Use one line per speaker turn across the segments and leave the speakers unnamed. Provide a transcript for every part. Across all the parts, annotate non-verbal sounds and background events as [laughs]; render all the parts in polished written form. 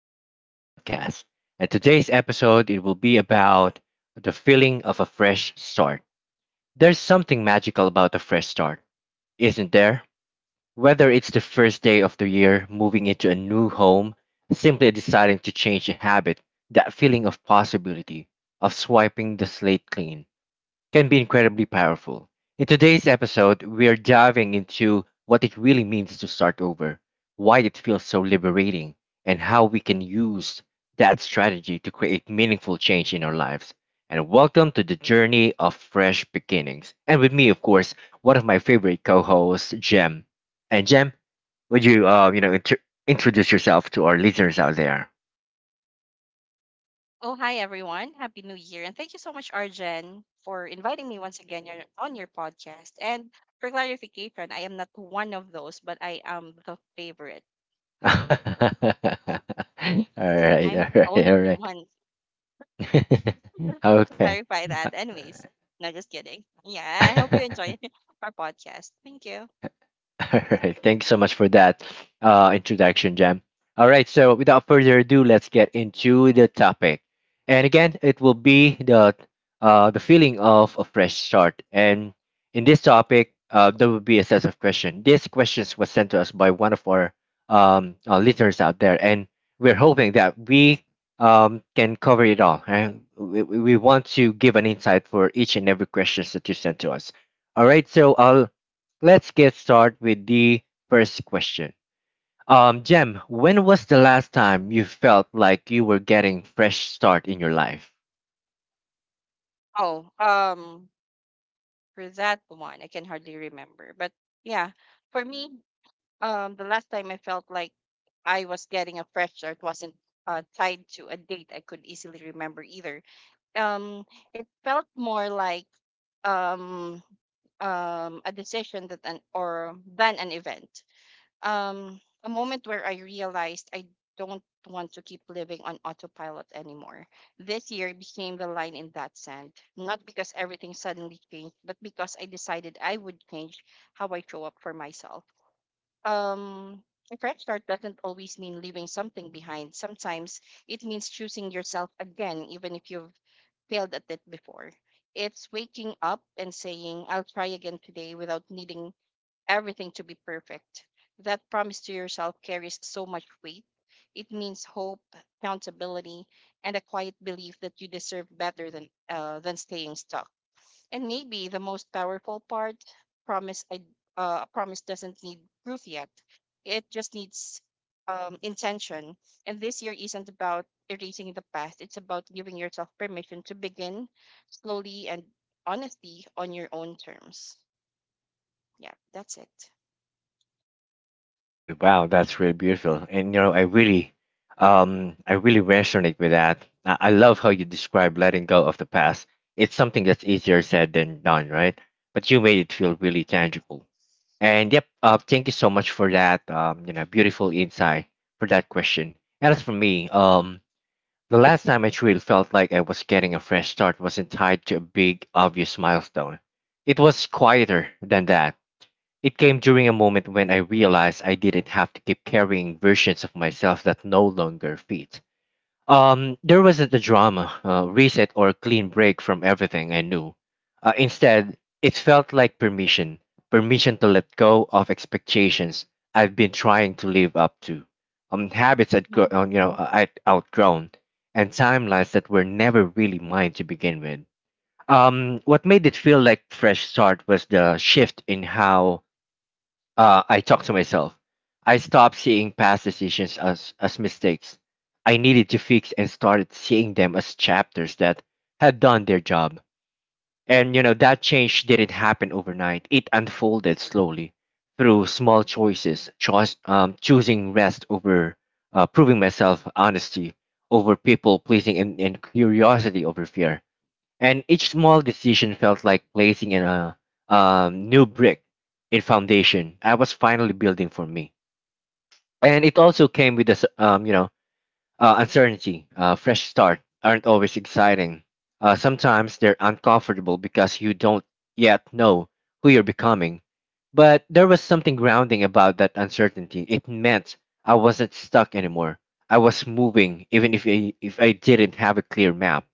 to Argent's podcast. And today's episode, it will be about the feeling of a fresh start. There's something magical about a fresh start, isn't there? Whether it's the first day of the year, moving into a new home, simply deciding to change a habit, that feeling of possibility, of swiping the slate clean can be incredibly powerful. In today's episode, we're diving into what it really means to start over, why it feels so liberating, and how we can use that strategy to create meaningful change in our lives. And welcome to the journey of fresh beginnings. And with me, of course, one of my favorite co-hosts, Jem. And Jem, would you, introduce yourself to our listeners out there?
Oh, hi everyone. Happy New Year. And thank you so much, Arjen, for inviting me once again on your podcast. And for clarification, I am not one of those, but I am the favorite.
[laughs] All right,
I'm
all
the
right, all
only
right.
one.
[laughs]
[laughs] to
Okay.
clarify that. Anyways, no, just kidding. Yeah, I hope you enjoy
[laughs]
[laughs] our podcast. Thank you.
[laughs] All right. Thanks so much for that introduction, Jam. All right. So, without further ado, let's get into the topic. And again, it will be the the feeling of a fresh start. And in this topic, there will be a set of questions. These questions were sent to us by one of our listeners out there, and we're hoping that we can cover it all. Right? We want to give an insight for each and every questions that you sent to us. All right. So, I'll Let's get started with the first question. Jem, when was the last time you felt like you were getting fresh start in your life?
Oh, um, for that one, I can hardly remember. But yeah, for me, the last time I felt like I was getting a fresh start wasn't tied to a date I could easily remember either. Um, it felt more like um, a decision that an or than an event. A moment where I realized I don't want to keep living on autopilot anymore. This year became the line in that sand, not because everything suddenly changed, but because I decided I would change how I show up for myself. um a fresh start doesn't always mean leaving something behind. Sometimes it means choosing yourself again, even if you've failed at it before. It's waking up and saying, I'll try again today without needing everything to be perfect. That promise to yourself carries so much weight. It means hope, accountability, and a quiet belief that you deserve better than staying stuck, and maybe the most powerful part, promise I a promise doesn't need proof yet. It just needs intention. And this year isn't about erasing the past. It's about giving yourself permission to begin slowly and honestly on your own terms. Yeah, that's it.
And wow, that's really beautiful. And you know, I really resonate with that. I love how you describe letting go of the past. It's something that's easier said than done, right? But you made it feel really tangible. And yep, thank you so much for that. You know, beautiful insight for that question. And as for me, the last time I truly felt like I was getting a fresh start wasn't tied to a big, obvious milestone. It was quieter than that. It came during a moment when I realized I didn't have to keep carrying versions of myself that no longer fit. There wasn't a drama, reset, or clean break from everything I knew. Instead, it felt like permission permission to let go of expectations I've been trying to live up to, habits I'd
Hmm.
gro- you know, I'd outgrown, and timelines that were never really mine to begin with. What made it feel like fresh start was the shift in how I talked to myself. I stopped seeing past decisions as mistakes I needed to fix and started seeing them as chapters that had done their job. And, you know, that change didn't happen overnight. It unfolded slowly through small choosing rest over proving myself, honesty over people pleasing, and, curiosity over fear, and each small decision felt like placing in a new brick in foundation I was finally building for me. And it also came with this, uncertainty. Fresh start aren't always exciting. Sometimes they're uncomfortable because you don't yet know who you're becoming. But there was something grounding about that uncertainty. It meant I wasn't stuck anymore. I was moving, even if I didn't have a clear map.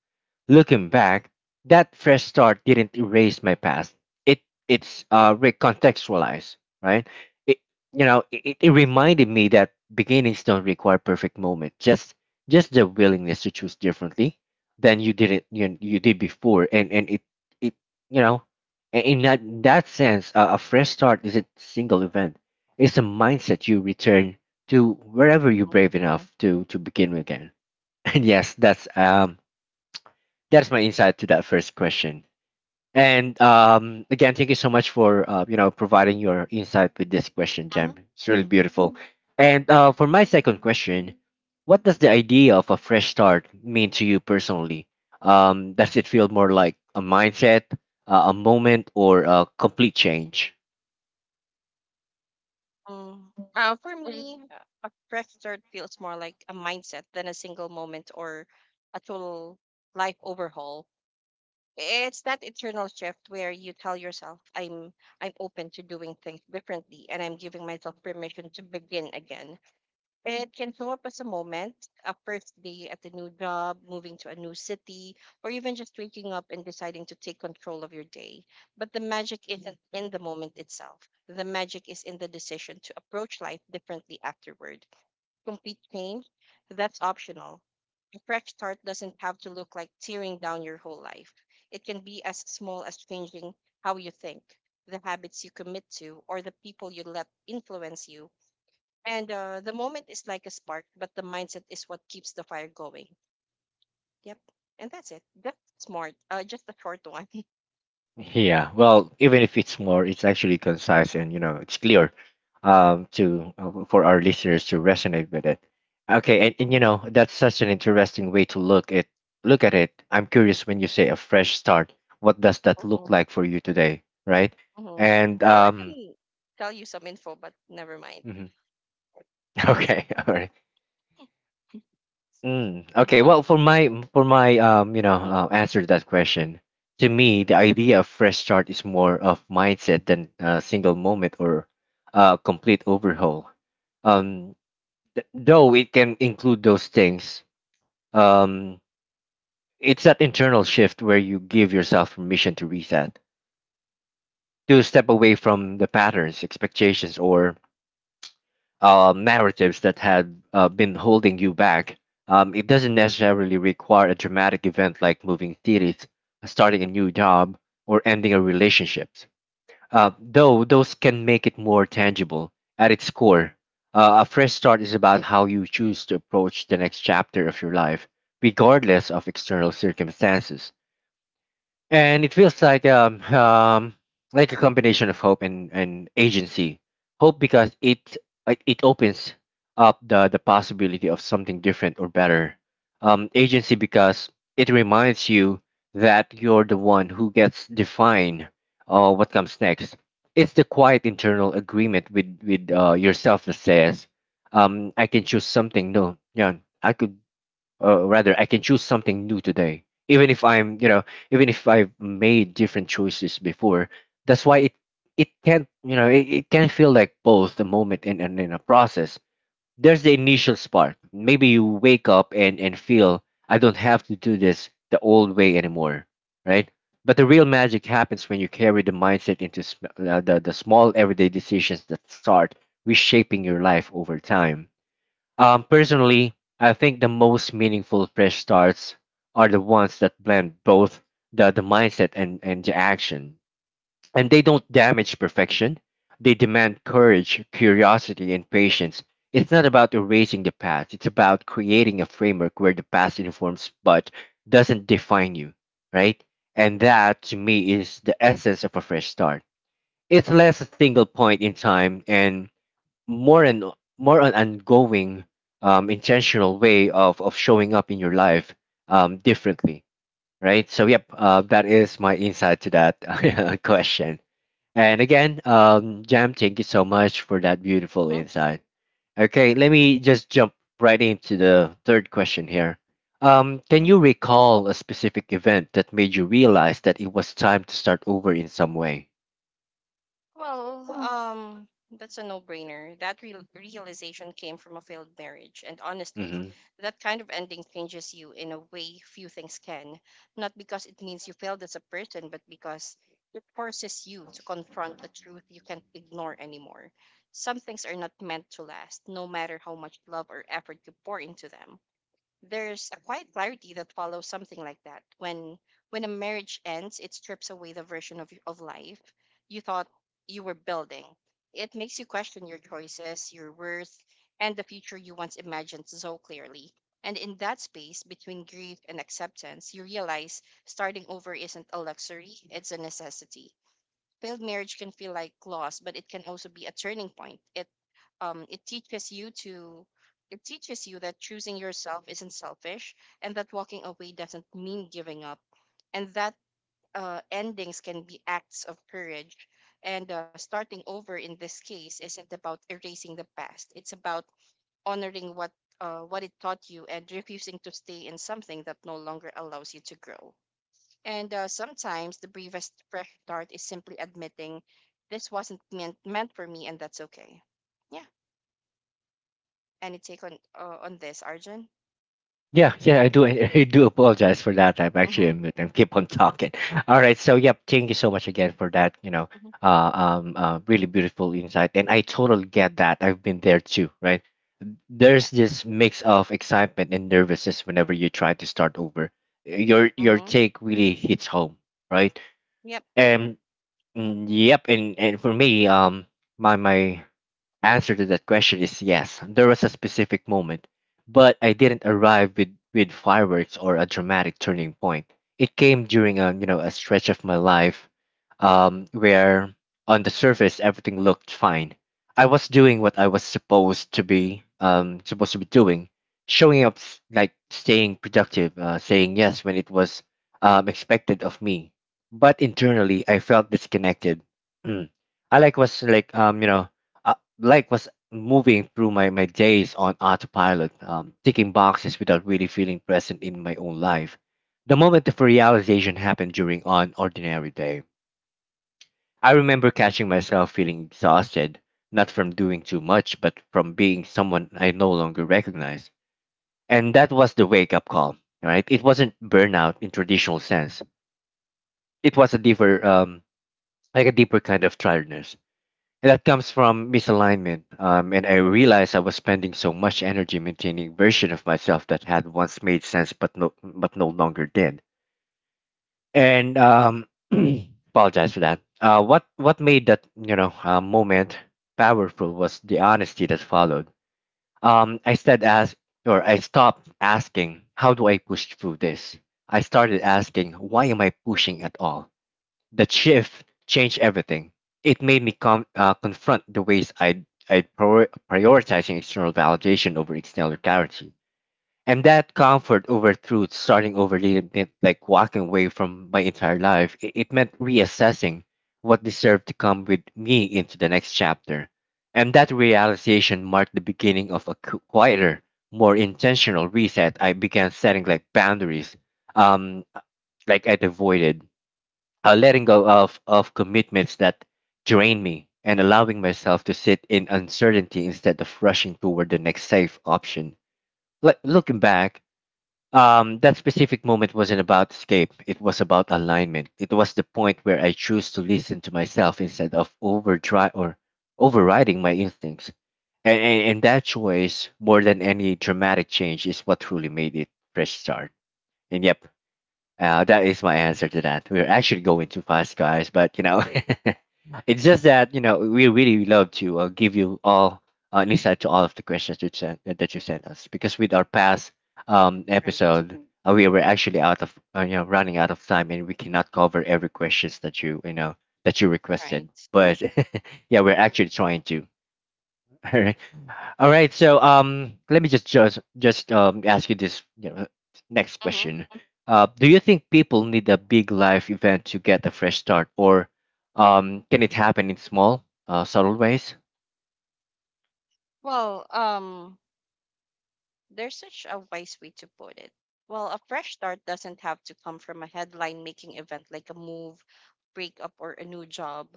Looking back, that fresh start didn't erase my past. It it's recontextualized, right? It you know it, it It reminded me that beginnings don't require perfect moment. Just the willingness to choose differently than you didn't you, you did before, and it you know I- in that that sense, a fresh start is a single event. It's a mindset you return to wherever you're
Hmm.
brave enough to begin with again. [laughs] And yes, that's my insight to that first question. And again, thank you so much for providing your insight with this question, Jem.
Hmm.
It's
Yeah.
really beautiful.
Mhm.
And for my second question, what does the idea of a fresh start mean to you personally? Does it feel more like a mindset, a moment, or a complete change?
Mm. For me, a fresh start feels more like a mindset than a single moment or a total life overhaul. It's that internal shift where you tell yourself, I'm open to doing things differently, and I'm giving myself permission to begin again. It can show up as a moment, a first day at a new job, moving to a new city, or even just waking up and deciding to take control of your day. But the magic isn't in the moment itself. The magic is in the decision to approach life differently afterward. Complete change, that's optional. A fresh start doesn't have to look like tearing down your whole life. It can be as small as changing how you think, the habits you commit to, or the people you let influence you. And the moment is like a spark, but the mindset is what keeps the fire going. Yep. And that's it. That's smart. Just a short one. [laughs]
Yeah, well, even if it's more, it's actually concise and you know it's clear, to for our listeners to resonate with it. Okay, and,
Mhm,
that's such an interesting way to look at it. I'm curious when you say a fresh start, what does that look
mhm,
like for you today, right?
mhm.
And
Well, I can tell you some info, but never mind.
mhm. [laughs] Okay, all right. Okay,
Yeah.
well, for my
[laughs]
answer to that question, to me, the idea of fresh start is more of mindset than a single moment or a complete overhaul. Um, though it can include those things, um, it's that internal shift where you give yourself permission to reset, to step away from the patterns, expectations, or narratives that had been holding you back. It doesn't necessarily require a dramatic event like moving cities, starting a new job, or ending a relationship. Though those can make it more tangible. At its core, a fresh start is about how you choose to approach the next chapter of your life, regardless of external circumstances, and it feels like a combination of hope and agency. Hope because it, like it opens up the possibility of something different or better. Agency because it reminds you that you're the one who gets define what comes next. It's the quiet internal agreement with yourself that says, I can choose something no yeah, I could rather I can choose something new today, even if I'm you know even if I've made different choices before. That's why it can, you know, it can feel like both a moment and, a process. There's the initial spark, maybe you wake up and feel I don't have to do this the old way anymore, right? But the real magic happens when you carry the mindset into the small everyday decisions that start reshaping your life over time. Um, personally, I think the most meaningful fresh starts are the ones that blend both the mindset and, the action. And they don't damage perfection, they demand courage, curiosity, and patience. It's not about erasing the past, it's about creating a framework where the past informs but doesn't define you, right? And that, to me, is the essence of a fresh start. It's less a single point in time and more and more an ongoing intentional way of showing up in your life differently, right? So yep, that is my insight to that [laughs] question. And again, Jam, thank you so much for that beautiful insight. Okay, let me just jump right into the third question here. Um, can
Mm-hmm.
you recall a specific event that made you realize that it was time to start over in some way?
Well, that's a no-brainer. That real realization came from a failed marriage, and honestly,
Mm-hmm.
that kind of ending changes you in a way few things can. Not because it means you failed as a person, but because it forces you to confront a truth you can't ignore anymore. Some things are not meant to last, no matter how much love or effort you pour into them. There's a quiet clarity that follows something like that. When a marriage ends, it strips away the version of life you thought you were building. It makes you question your choices, your worth, and the future you once imagined so clearly. And in that space between grief and acceptance, you realize starting over isn't a luxury, it's a necessity. Failed marriage can feel like loss, but it can also be a turning point. It teaches you to, it teaches you that choosing yourself isn't selfish, and that walking away doesn't mean giving up, and that endings can be acts of courage. And starting over in this case isn't about erasing the past, it's about honoring what it taught you, and refusing to stay in something that no longer allows you to grow. And sometimes the briefest fresh start is simply admitting this wasn't meant for me, and that's okay. Yeah, any take on this, Arjun?
Yeah, yeah, I do. [laughs] I do apologize for that. I'm actually
Mm-hmm.
on mute and keep on talking. All right. So, yep. Thank you so much again for that. You know,
Hmm.
really beautiful insight, and I totally get that. I've been there too, right?
Yeah.
There's this mix of excitement and nervousness whenever you try to start over. Your
Mm-hmm.
take really hits home, right?
Yep.
And and for me, my my answer to that question is yes. There was a specific moment, but I didn't arrive with fireworks or a dramatic turning point. It came during a you know a stretch of my life where on the surface everything looked fine. I was doing what I was supposed to be doing, showing up staying productive, saying yes when it was expected of me. But internally, I felt disconnected. Mm. I like was like you know uh, like was moving through my days on autopilot, ticking boxes without really feeling present in my own life. The moment of realization happened during an ordinary day. I remember catching myself feeling exhausted, not from doing too much, but from being someone I no longer recognized. And that was the wake up call, right? It wasn't burnout in traditional sense. It was a deeper, a deeper kind of tiredness, and that comes from misalignment. And I realized I was spending so much energy maintaining version of myself that had once made sense, but no longer did. And [clears throat] apologize for that. What made that, moment powerful was the honesty that followed. Um, I stopped asking, how do I push through this? I started asking, why am I pushing at all? That shift changed everything. It made me confront the ways I'd prioritizing external validation over external clarity. And that comfort over truth, starting over, didn't like walking away from my entire life. It meant reassessing what deserved to come with me into the next chapter. And that realization marked the beginning of a quieter, more intentional reset. I began setting like boundaries, um, like I'd avoided letting go of commitments that drain me and allowing myself to sit in uncertainty instead of rushing toward the next safe option. Like looking back, that specific moment wasn't about escape. It was about alignment. It was the point where I choose to listen to myself instead of overdrive or overriding my instincts. And that choice, more than any dramatic change, is what truly made it fresh start. And yep, that is my answer to that. We're actually going too fast, guys, but you know, [laughs] it's just that we really love to give you all an insight to all of the questions that you sent us because with our past
Right.
episode we were actually out of you know running out of time and we cannot cover every questions that you know that you
Right.
requested. But [laughs] yeah, we're actually trying to. [laughs] All right. So let me just ask you this you know, next
Mm-hmm.
question. Do you think people need a big life event to get a fresh start, or can it happen in small, subtle ways?
Well, there's such a wise way to put it. Well, a fresh start doesn't have to come from a headline-making event like a move, breakup, or a new job.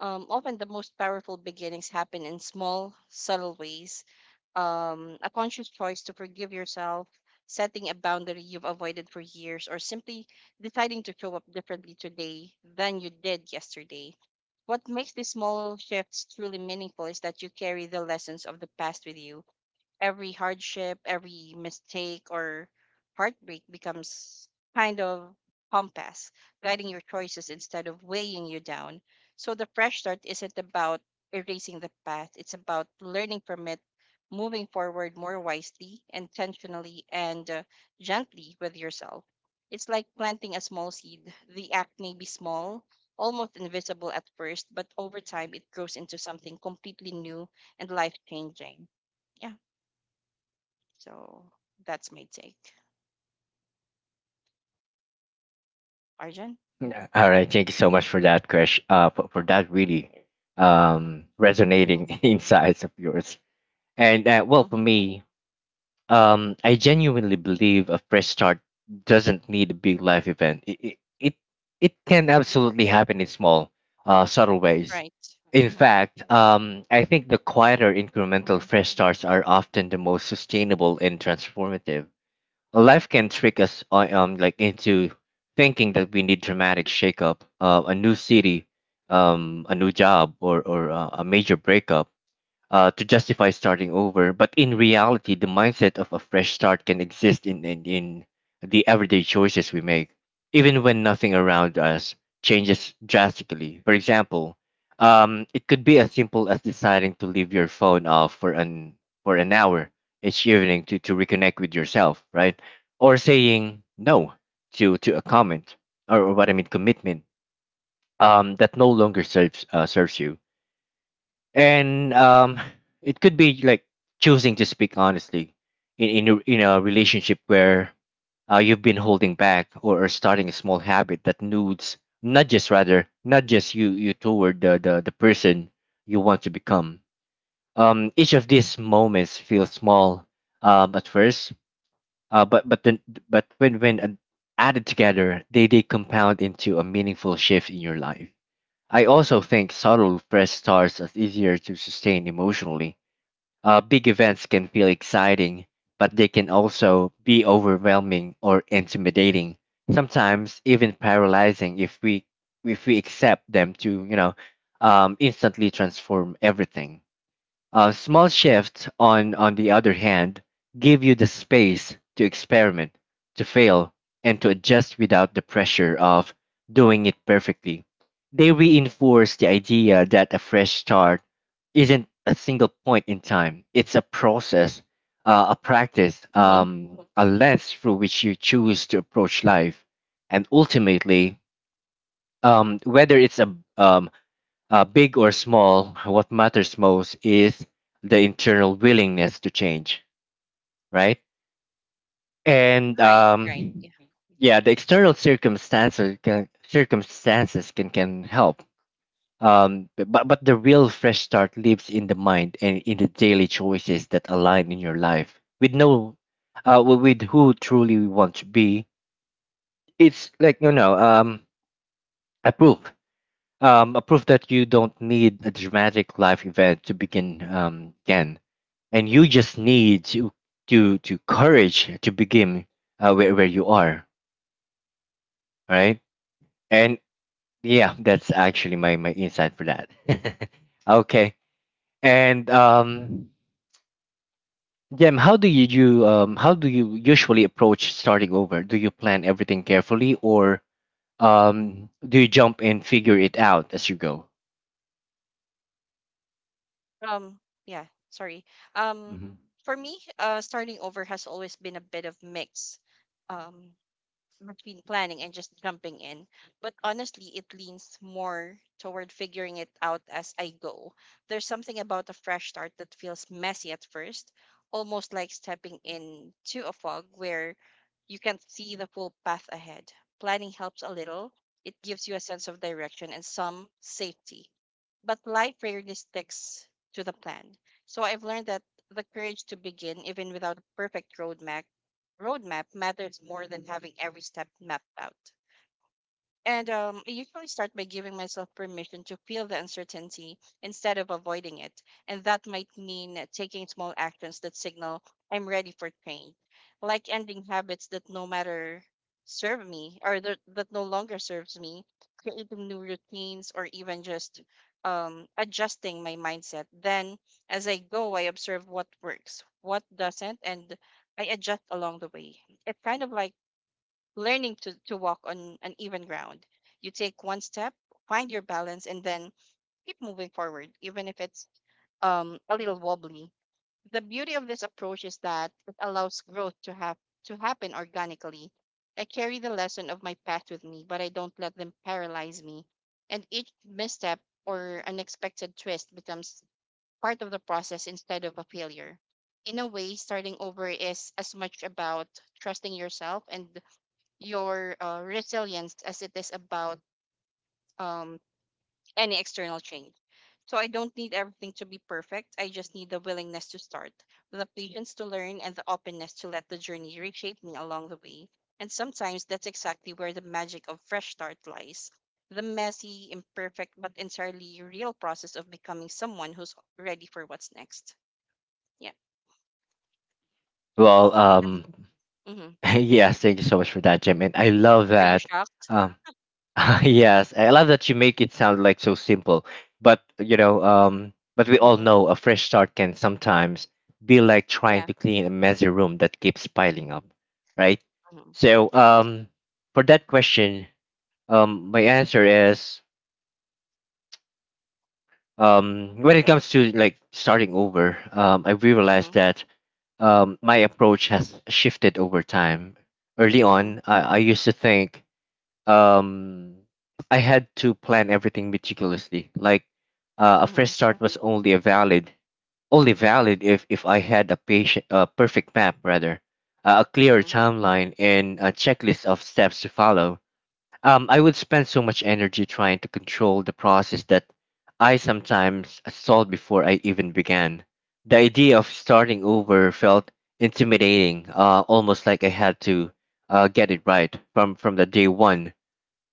Often the most powerful beginnings happen in small, subtle ways. A conscious choice to forgive yourself, setting a boundary you've avoided for years, or simply deciding to show up differently today than you did yesterday. What makes these small shifts truly meaningful is that you carry the lessons of the past with you. Every hardship, every mistake or heartbreak becomes kind of compass, guiding your choices instead of weighing you down. So the fresh start isn't about erasing the past, it's about learning from it, moving forward more wisely, intentionally, and gently with yourself. It's like planting a small seed. The act may be small, almost invisible at first, but over time it grows into something completely new and life changing. Yeah. So that's my take. Arjun?
Yeah. All right. Thank you so much for that, Krish. For that really resonating
Mm-hmm.
[laughs] insights of yours. And well, for
Mm-hmm.
me, um, I genuinely believe a fresh start doesn't need a big life event. It can absolutely happen in small, subtle ways.
Right.
In
Mm-hmm.
fact, I think the quieter incremental
Mm-hmm.
fresh starts are often the most sustainable and transformative. Life can trick us like into thinking that we need dramatic shakeup, a new city, a new job, or a major breakup to justify starting over. But in reality, the mindset of a fresh start can exist in the everyday choices we make, even when nothing around us changes drastically. For example, it could be as simple as deciding to leave your phone off for an hour each evening to reconnect with yourself, right? Or saying no to a comment or what I mean commitment that no longer serves you and it could be like choosing to speak honestly in a relationship where you've been holding back, or starting a small habit that nudes not just rather not just you toward the person you want to become. Um, each of these moments feels small at first uh but but then but when added together they compound into a meaningful shift in your life. I also think subtle fresh starts are easier to sustain emotionally. Big events can feel exciting, but they can also be overwhelming or intimidating. Sometimes even paralyzing if we accept them to you know instantly transform everything. Small shifts, on the other hand, give you the space to experiment, to fail, and to adjust without the pressure of doing it perfectly. They reinforce the idea that a fresh start isn't a single point in time, it's a process, a practice,
Mm-hmm.
a lens through which you choose to approach life. And ultimately, whether it's a big or small, what matters most is the internal willingness to change, right? And
Right. Right. Yeah.
yeah, the external circumstances circumstances can help. But the real fresh start lives in the mind and in the daily choices that align in your life with no, with who truly you want to be. It's like you know, a proof, a proof that you don't need a dramatic life event to begin, again and you just need to courage to begin where you are right and yeah that's actually my insight for that. [laughs] Okay. And um, Jem, how do you do how do you usually approach starting over? Do you plan everything carefully or do you jump and figure it out as you go?
Um, yeah, sorry. Um,
Mhm.
for me, starting over has always been a bit of mix. Um, between planning and just jumping in. But honestly, it leans more toward figuring it out as I go. There's something about a fresh start that feels messy at first, almost like stepping into a fog where you can't see the full path ahead. Planning helps a little, it gives you a sense of direction and some safety. But life rarely sticks to the plan. So I've learned that the courage to begin, even without a perfect roadmap, matters more than having every step mapped out. And I usually start by giving myself permission to feel the uncertainty instead of avoiding it. And that might mean taking small actions that signal I'm ready for change, like ending habits that no matter serve me, or that no longer serves me, creating new routines, or even just adjusting my mindset. Then, as I go, I observe what works, what doesn't, and I adjust along the way. It's kind of like learning to walk on an even ground. You take one step, find your balance, and then keep moving forward, even if it's a little wobbly. The beauty of this approach is that it allows growth to happen organically. I carry the lesson of my past with me, but I don't let them paralyze me. And each misstep or unexpected twist becomes part of the process instead of a failure. In a way, starting over is as much about trusting yourself and your resilience as it is about um, any external change. So I don't need everything to be perfect. I just need the willingness to start, the patience to learn, and the openness to let the journey reshape me along the way. And sometimes that's exactly where the magic of fresh start lies. The messy, imperfect, but entirely real process of becoming someone who's ready for what's next. Yeah.
Well
That's, hmm.
[laughs] yes, thank you so much for that, Jem, and I love
Are you
that.
shocked?
Um [laughs] yes, I love that you make it sound like so simple. But you know, but we all
Hmm.
know a fresh start can sometimes be like trying
Yeah.
to clean a messy room that keeps piling up, right?
Hmm.
So,
Right.
for that question, my answer is, when it comes to like starting over, I
Hmm.
realized that my approach has shifted over time. Early
Hmm.
on, I used to think um I had to plan everything meticulously. Like a
Hmm.
fresh start was Mm-hmm. only a valid only valid if I had a patient a perfect map rather, a clear
Hmm.
timeline and a checklist of steps to follow. I would spend so much energy trying to control the process that I sometimes stalled before I even began. The idea of starting over felt intimidating, almost like I had to get it right from the day one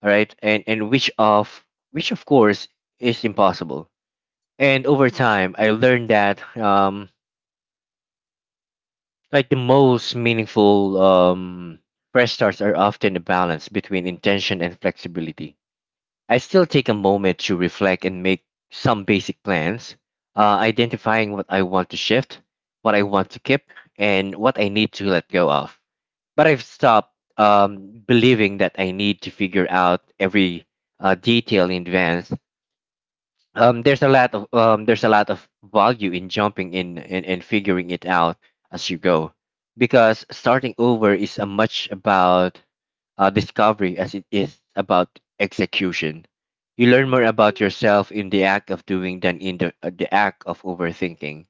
right and which of course is impossible and over
Hmm.
time I learned that like the most meaningful fresh starts are often a balance between intention and flexibility. I still take a moment to reflect and make some basic plans, identifying what I want to shift, what I want to keep, and what I need to let go of, but I've stopped believing that I need to figure out every detail in advance. Um, there's a lot of value in jumping in, and figuring it out as you go, because starting over is as much about discovery as it is about execution. You learn
Hmm.
more about yourself in the act of doing than in the act of overthinking.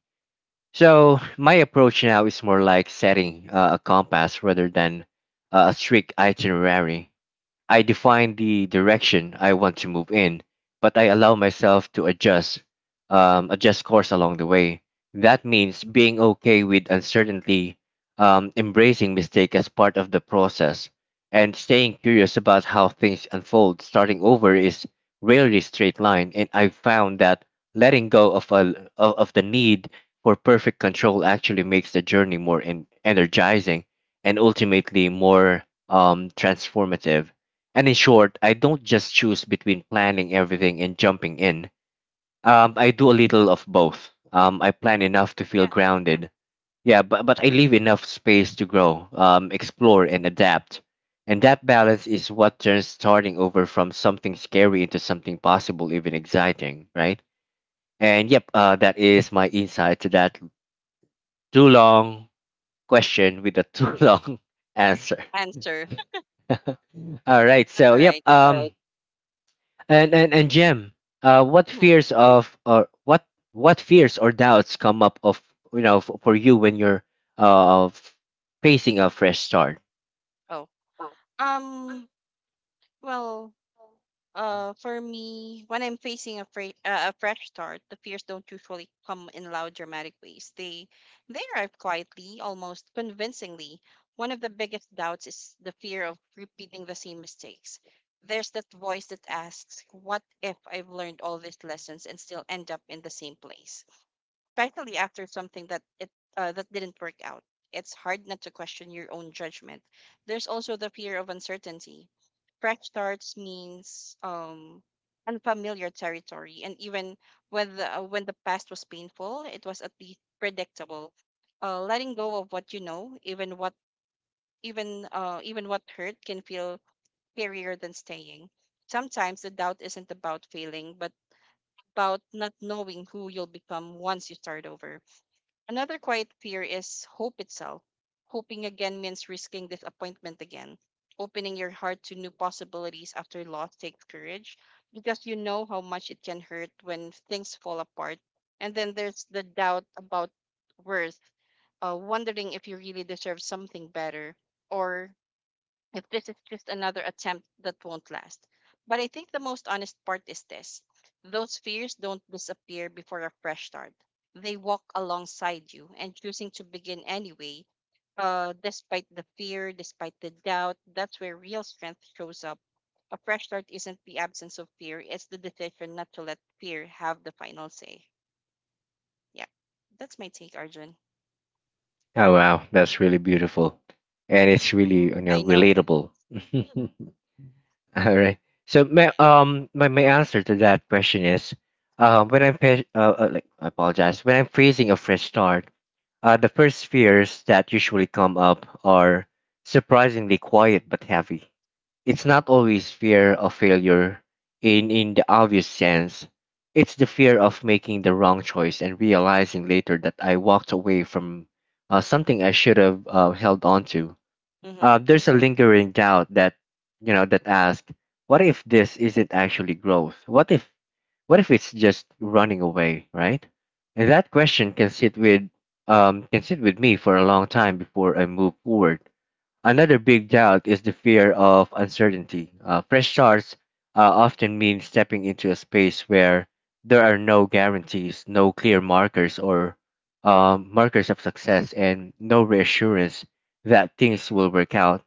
So my approach now is more like setting a compass rather than a strict itinerary. I define the direction I want to move in, but I allow myself to adjust, adjust course along the way. That means being okay with uncertainty, embracing mistake as part of the process, and staying curious about how things unfold. Starting over is rarely straight line, and I've found that letting go of of the need for perfect control actually makes the journey more energizing and ultimately more transformative. And in short, I don't just choose between planning everything and jumping in. I do a little of both. I plan enough to feel
Yeah,
grounded. Yeah, but I leave enough space to grow, explore, and adapt. And that balance is what turns starting over from something scary into something possible, even exciting, right? And yep, that is my insight to that too long question with a too [laughs] long answer.
answer. [laughs]
All right,
That's
so
all
yep,
right.
And Jem, uh, what
Mm-hmm.
fears of or what what fears or doubts come up of you know for you when you're uh f- facing a fresh start?
Oh, um, well, for me, when I'm facing a fresh start, the fears don't usually come in loud, dramatic ways. They arrive quietly, almost convincingly. One of the biggest doubts is the fear of repeating the same mistakes. There's that voice that asks, "What if I've learned all these lessons and still end up in the same place?" especially after something that it that didn't work out. It's hard not to question your own judgment. There's also the fear of uncertainty. Fresh starts means unfamiliar territory, and even when when the past was painful, it was at least predictable. Letting go of what you know, even what even even what hurt, can feel scarier than staying. Sometimes the doubt isn't about failing, but about not knowing who you'll become once you start over. Another quiet fear is hope itself. Hoping again means risking disappointment again. Opening your heart to new possibilities after loss takes courage because you know how much it can hurt when things fall apart. And then there's the doubt about worth, wondering if you really deserve something better, or if this is just another attempt that won't last. But I think the most honest part is this: those fears don't disappear before a fresh start, they walk alongside you, and choosing to begin anyway, despite the fear, despite the doubt, that's where real strength shows up. A fresh start isn't the absence of fear, it's the decision not to let fear have the final say. Yeah, that's my take, Arjun.
Oh wow, that's really beautiful, and it's really
Hmm,
you
I
know
know.
relatable.
[laughs]
[laughs] All right. So
Mm-hmm.
my my answer to that question is, when I'm fa- like I apologize when I'm facing a fresh start, the first fears that usually come up are surprisingly quiet but heavy. It's not always fear of failure in the obvious sense. It's the fear of making the wrong choice and realizing later that I walked away from something I should have held on to.
Mm-hmm.
There's a lingering doubt that, you know, that asks, what if this isn't actually growth? What if it's just running away, right? And that question can sit with me for a long time before I move forward. Another big doubt is the fear of uncertainty. Fresh starts often mean stepping into a space where there are no guarantees, no clear markers or markers of success, and no reassurance that things will work out.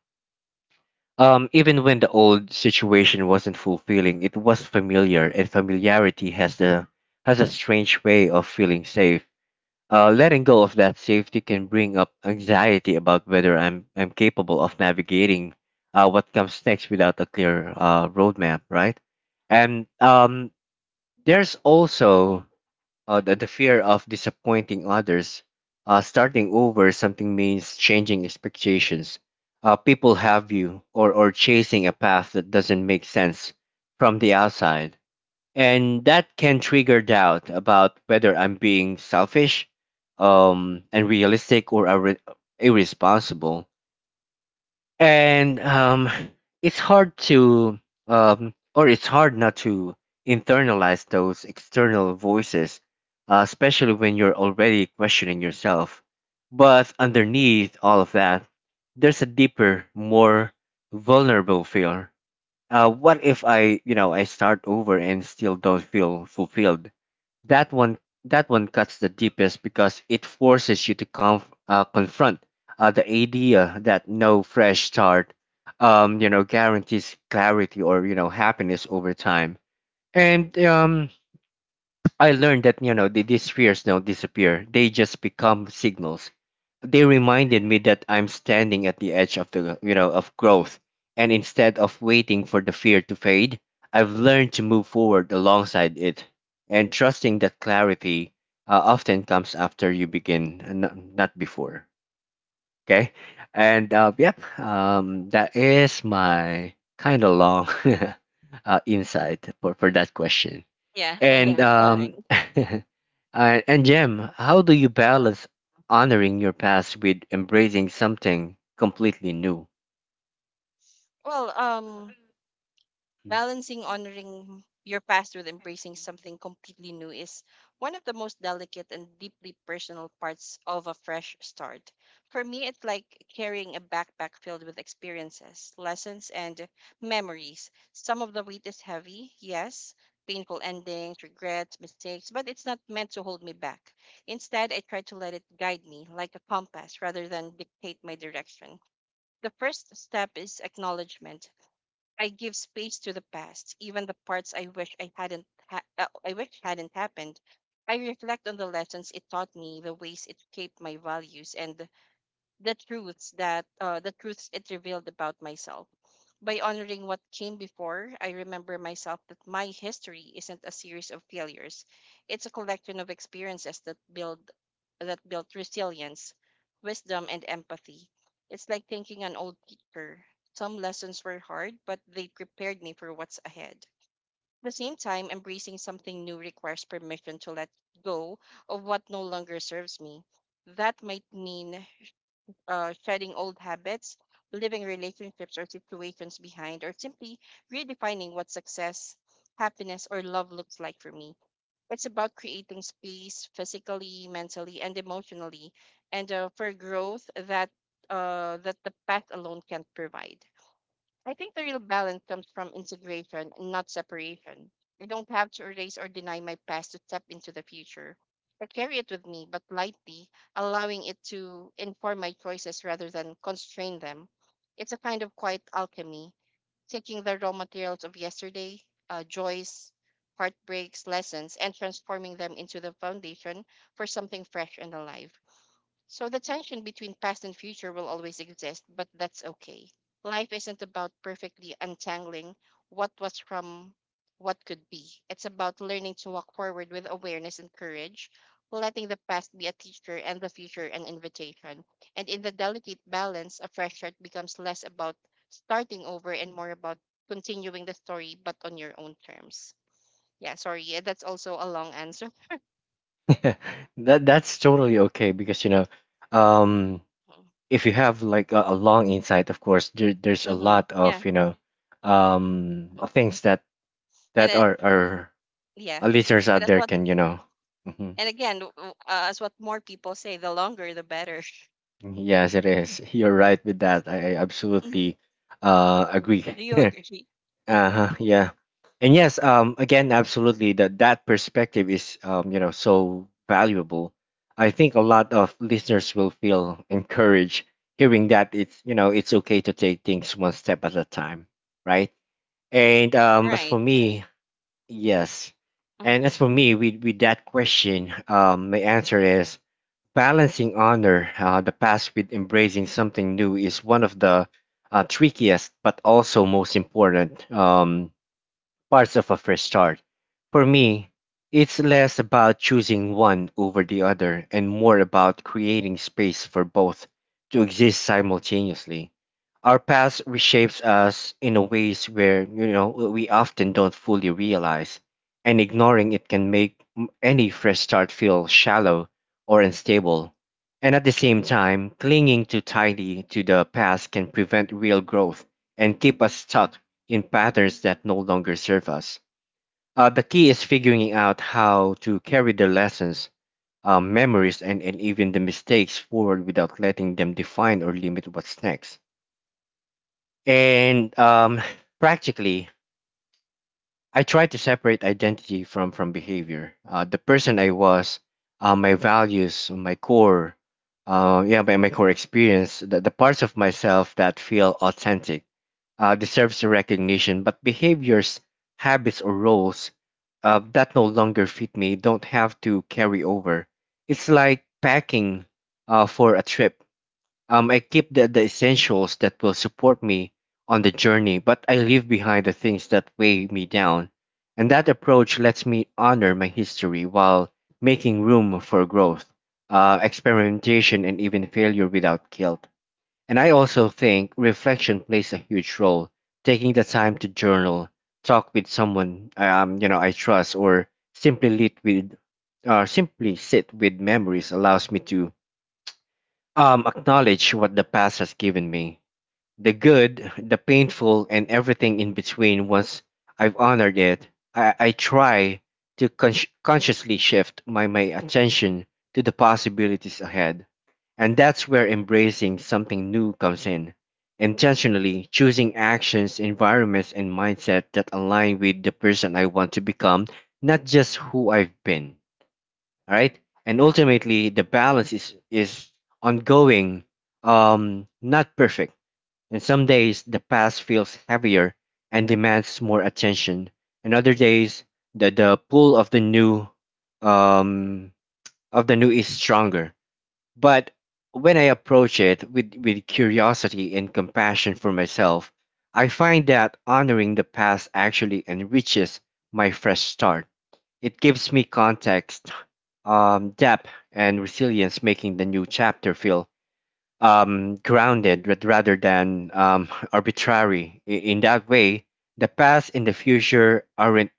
Even when the old situation wasn't fulfilling, it was familiar, and familiarity has a strange way of feeling safe. Letting go of that safety can bring up anxiety about whether I'm capable of navigating what comes next without a clear roadmap, right? And There's also the fear of disappointing others. Starting over something means changing expectations. People have you or chasing a path that doesn't make sense from the outside, and that can trigger doubt about whether I'm being selfish, unrealistic, or irresponsible. And it's hard to, or It's hard not to internalize those external voices, especially when you're already questioning yourself. But underneath all of that, there's a deeper, more vulnerable fear. What if I, you know, I start over and still don't feel fulfilled? That one, that one cuts the deepest because it forces you to confront the idea that no fresh start, guarantees clarity or you know happiness over time. And I learned that you know these fears don't disappear; they just become signals. They reminded me that I'm standing at the edge of the you know of growth, and instead of waiting for the fear to fade, I've learned to move forward alongside it and trusting that clarity often comes after you begin and not before. Okay. and Yep, that is my kind of long [laughs] insight for that question.
Yeah, [laughs]
And
that's all right.
[laughs] And Jem, how do you
Uh,
balance honoring your past with embracing something completely new?
Well, um, Balancing honoring your past with embracing something completely new is one of the most delicate and deeply personal parts of a fresh start. For me, it's like carrying a backpack filled with experiences, lessons, and memories. Some of the weight is heavy, yes, painful endings, regrets, mistakes, but it's not meant to hold me back. Instead, I try to let it guide me like a compass rather than dictate my direction. The first step is acknowledgement. I give space to the past, even the parts I wish I wish hadn't happened. I reflect on the lessons it taught me, the ways it shaped my values, and the truths it revealed about myself. By honoring what came before, I remember myself that my history isn't a series of failures. It's a collection of experiences that build that built resilience, wisdom, and empathy. It's like thanking an old teacher. Some lessons were hard, but they prepared me for what's ahead. At the same time, embracing something new requires permission to let go of what no longer serves me. That might mean shedding old habits, leaving relationships or situations behind, or simply redefining what success, happiness, or love looks like for me. It's about creating space physically, mentally, and emotionally, and for growth that that the path alone can't provide. I think the real balance comes from integration, not separation. I don't have to erase or deny my past to step into the future. I carry it with me, but lightly, allowing it to inform my choices rather than constrain them. It's a kind of quiet alchemy, taking the raw materials of yesterday, joys, heartbreaks, lessons, and transforming them into the foundation for something fresh and alive. So the tension between past and future will always exist, but that's okay. Life isn't about perfectly untangling what was from what could be. It's about learning to walk forward with awareness and courage, letting the past be a teacher and the future an invitation. And in the delicate balance, a fresh start becomes less about starting over and more about continuing the story, but on your own terms. Yeah, sorry. Yeah, that's also a long answer.
[laughs] That that's totally okay because you know, um, if you have like a long insight, of course, there, there's a
Mm-hmm.
lot
Yeah.
of you know, things that
And
that
it,
our
yeah.
our listeners
And
out
that's
there
what.
can you know. Hmm.
And again, as what more people say, the longer the better. [laughs]
Yes, it is. [laughs] You're right with that. I
Mhm.
absolutely agree.
Do you
[laughs]
agree?
Uh-huh, yeah. And yes, um, again, absolutely, that that perspective is you know so valuable. I think a lot of listeners will feel encouraged hearing that it's you know it's okay to take things one step at a time, right? And um, as
Right.
for me, yes.
Mhm.
And as for me with that question, um, my answer is balancing honor the past with embracing something new is one of the trickiest but also most important parts of a fresh start. For me, it's less about choosing one over the other and more about creating space for both to exist simultaneously. Our past reshapes us in a ways where you know we often don't fully realize, and ignoring it can make any fresh start feel shallow or unstable. And at the same time, clinging too tightly to the past can prevent real growth and keep us stuck in patterns that no longer serve us. The key is figuring out how to carry the lessons, memories, and even the mistakes forward without letting them define or limit what's next. And [laughs] [sighs] Practically, I try to separate identity from behavior. The person I was, my values, my core, yeah, my, my core experience, the parts of myself that feel authentic deserves recognition, but behaviors, habits, or roles that no longer fit me don't have to carry over. It's like packing for a trip. I keep the essentials that will support me on the journey, but I leave behind the things that weigh me down. And that approach lets me honor my history while making room for growth, experimentation, and even failure without guilt. And I also think reflection plays a huge role. Taking the time to journal, talk with someone you know I trust, or simply lit with, simply sit with memories allows me to acknowledge what the past has given me. The good, the painful, and everything in between. Once I've honored it, I try to consciously shift my attention to the possibilities ahead. And that's where embracing something new comes in. Intentionally choosing actions, environments, and mindset that align with the person I want to become, not just who I've been. All right? And ultimately, the balance is ongoing, not perfect, and some days, the past feels heavier and demands more attention, and other days, the pull of the new um, is stronger. But when I approach it with curiosity and compassion for myself, I find that honoring the past actually enriches my fresh start. It gives me context, depth, and resilience, making the new chapter feel grounded but rather than [laughs] arbitrary. In that way, the past and the future aren't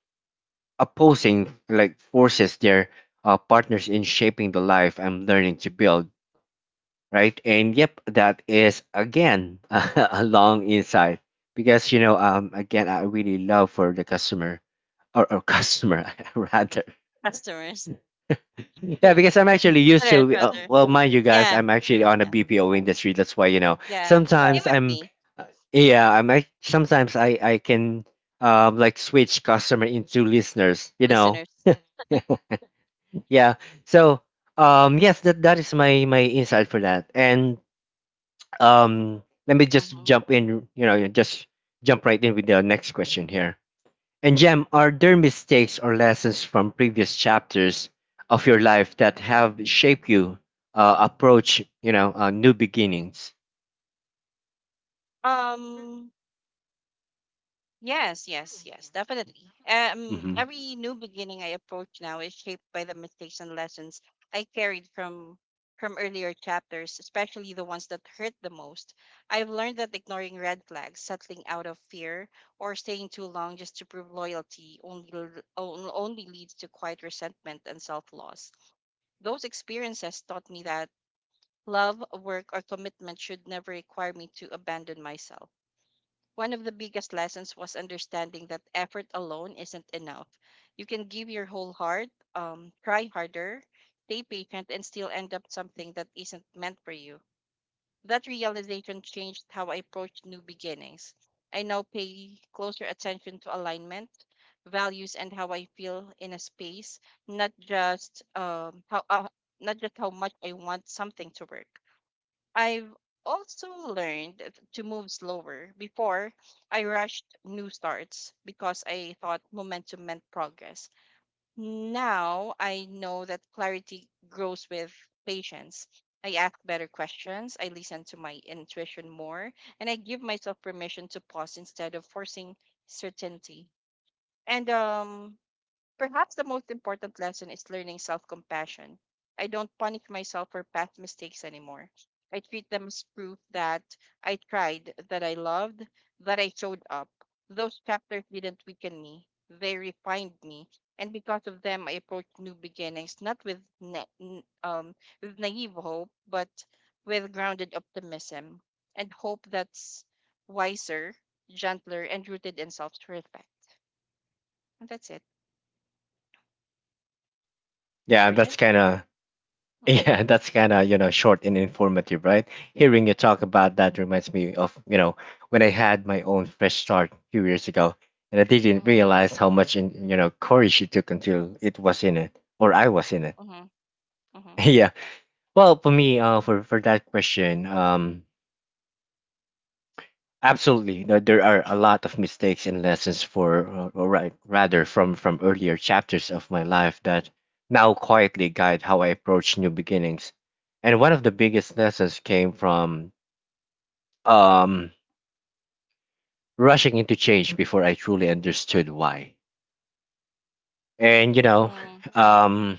opposing like forces; they're partners in shaping the life I'm learning to build. Right, and yep, that is again [laughs] a long insight because you know, again, I really love for the customer or customer [laughs] rather.
Customers. [laughs]
Yeah,
Yeah.
because I'm actually used
Listeners,
to.
rather.
Well, mind you guys,
Yeah.
I'm actually on the
Yeah.
BPO industry. That's why you know
Yeah. Same
sometimes
with
I'm.
me,
uh, Yeah, I'm. Sometimes I can like switch customer into listeners. You know.
listeners.
[laughs] Yeah. So um, yes, that that is my my insight for that. And um let me just
hmm
jump in. You know, just jump right in with the next question here. And Gem, are there mistakes or lessons from previous chapters of your life that have shaped you approach, you know, new beginnings?
Um, Yes, yes, yes, definitely.
Hmm.
Every new beginning I approach now is shaped by the mistakes and lessons I carried from earlier chapters, especially the ones that hurt the most. I've learned that ignoring red flags, settling out of fear, or staying too long just to prove loyalty only leads to quiet resentment and self-loss. Those experiences taught me that love, work, or commitment should never require me to abandon myself. One of the biggest lessons was understanding that effort alone isn't enough. You can give your whole heart, try harder, stay patient, and still end up something that isn't meant for you. That realization changed how I approach new beginnings. I now pay closer attention to alignment, values, and how I feel in a space, not just um, how uh, not just how much I want something to work. I've also to move slower. Before, I rushed new starts because I thought momentum meant progress. Now, I know that clarity grows with patience. I ask better questions, I listen to my intuition more, and I give myself permission to pause instead of forcing certainty. And Perhaps the most important lesson is learning self compassion. I don't punish myself for past mistakes anymore. I treat them as proof that I tried, that I loved, that I showed up. Those chapters didn't weaken me, they refined me. And because of them, I approach new beginnings, not with, na- n- with naive hope, but with grounded optimism and hope that's wiser, gentler, and rooted in self respect. And that's it.
Yeah, that's
Arjun?
kind of [laughs]
hmm
yeah, that's kind of you know short and informative, right? Hearing you talk about that reminds me of you know when I had my own fresh start a few years ago, and I didn't realize how much in, you know courage it took until it was in it or I was in it.
Mhm,
[laughs]
mhm,
Yeah. Well, for me, for that question, absolutely. There are a lot of mistakes and lessons for, or right, rather from earlier chapters of my life that now quietly guide how I approach new beginnings. And one of the biggest lessons came from um, rushing into change before I truly understood why. And you know,
mhm,
um,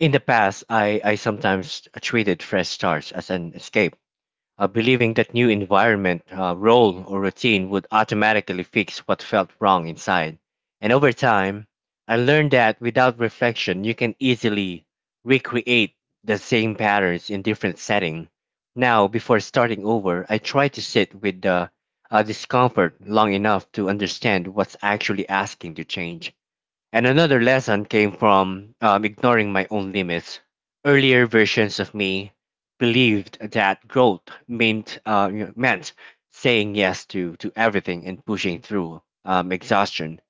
in the past, I sometimes treated fresh starts as an escape, believing that new environment, role, or routine would automatically fix what felt wrong inside. And over time, I learned that without reflection, you can easily recreate the same patterns in different setting. Now, before starting over, I try to sit with the discomfort long enough to understand what's actually asking to change. And another lesson came from ignoring my own limits. Earlier versions of me believed that growth meant meant saying yes to everything and pushing through exhaustion.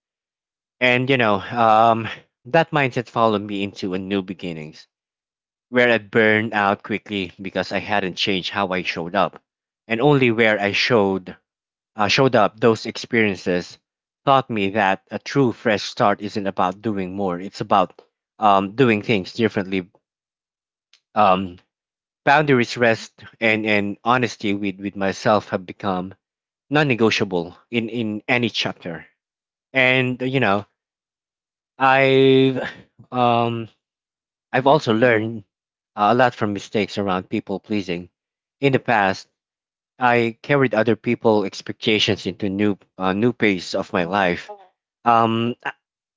And you know that mindset followed me into a new beginnings where I burned out quickly because I hadn't changed how I showed up, and only where I showed showed up. Those experiences taught me that a true fresh start isn't about doing more. It's about doing things differently. Um, Boundaries, rest, and honesty with myself have become non negotiable in any chapter. And, you know, I've, um, I've
mhm,
also learned a lot from mistakes around people pleasing. In the past, I carried other people's expectations into new new phase of my
mhm.
life. Um, uh,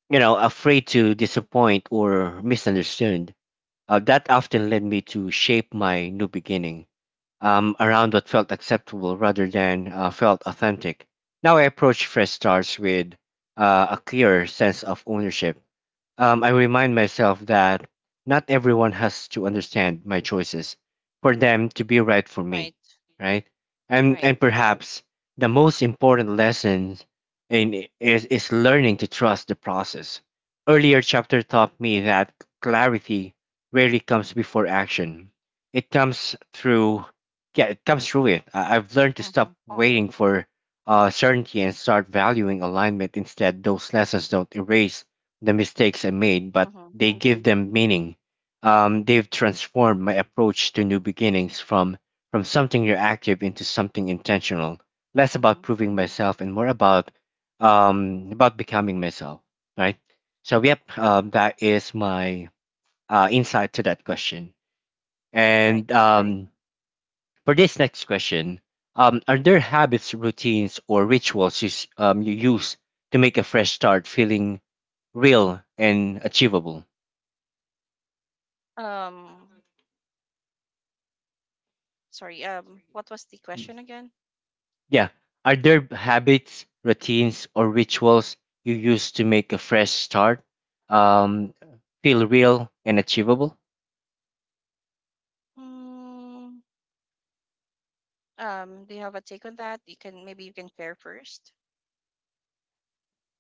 you know, afraid to disappoint or misunderstood. That often led me to shape my new beginning around what felt acceptable rather than felt authentic. Now I approach fresh starts with a clear sense of ownership. I remind myself that not everyone has to understand my choices for them to be right for
Right,
me, right?
right.
And perhaps the most important lesson in is learning to trust the process. Earlier chapter taught me that clarity rarely comes before action. It comes through, yeah, it comes through it. I've learned to
Mhm,
stop waiting for certainty and start valuing alignment instead. Those lessons don't erase the mistakes I made, but
mhm,
they give them meaning. They've transformed my approach to new beginnings from something reactive into something intentional. Less
mhm.
about proving myself and more about becoming myself, right? So yep, that is my insight to that question.
Right,
And right.
right.
Um, for this next question, are there habits, routines, or rituals you, you use to make a fresh start feeling real and achievable?
Um, sorry. What was the
Mm.
question again?
Yeah. Are there habits, routines, or rituals you use to make a fresh start um, feel real and achievable?
Mm, do you have a take on that? You can maybe you can share first.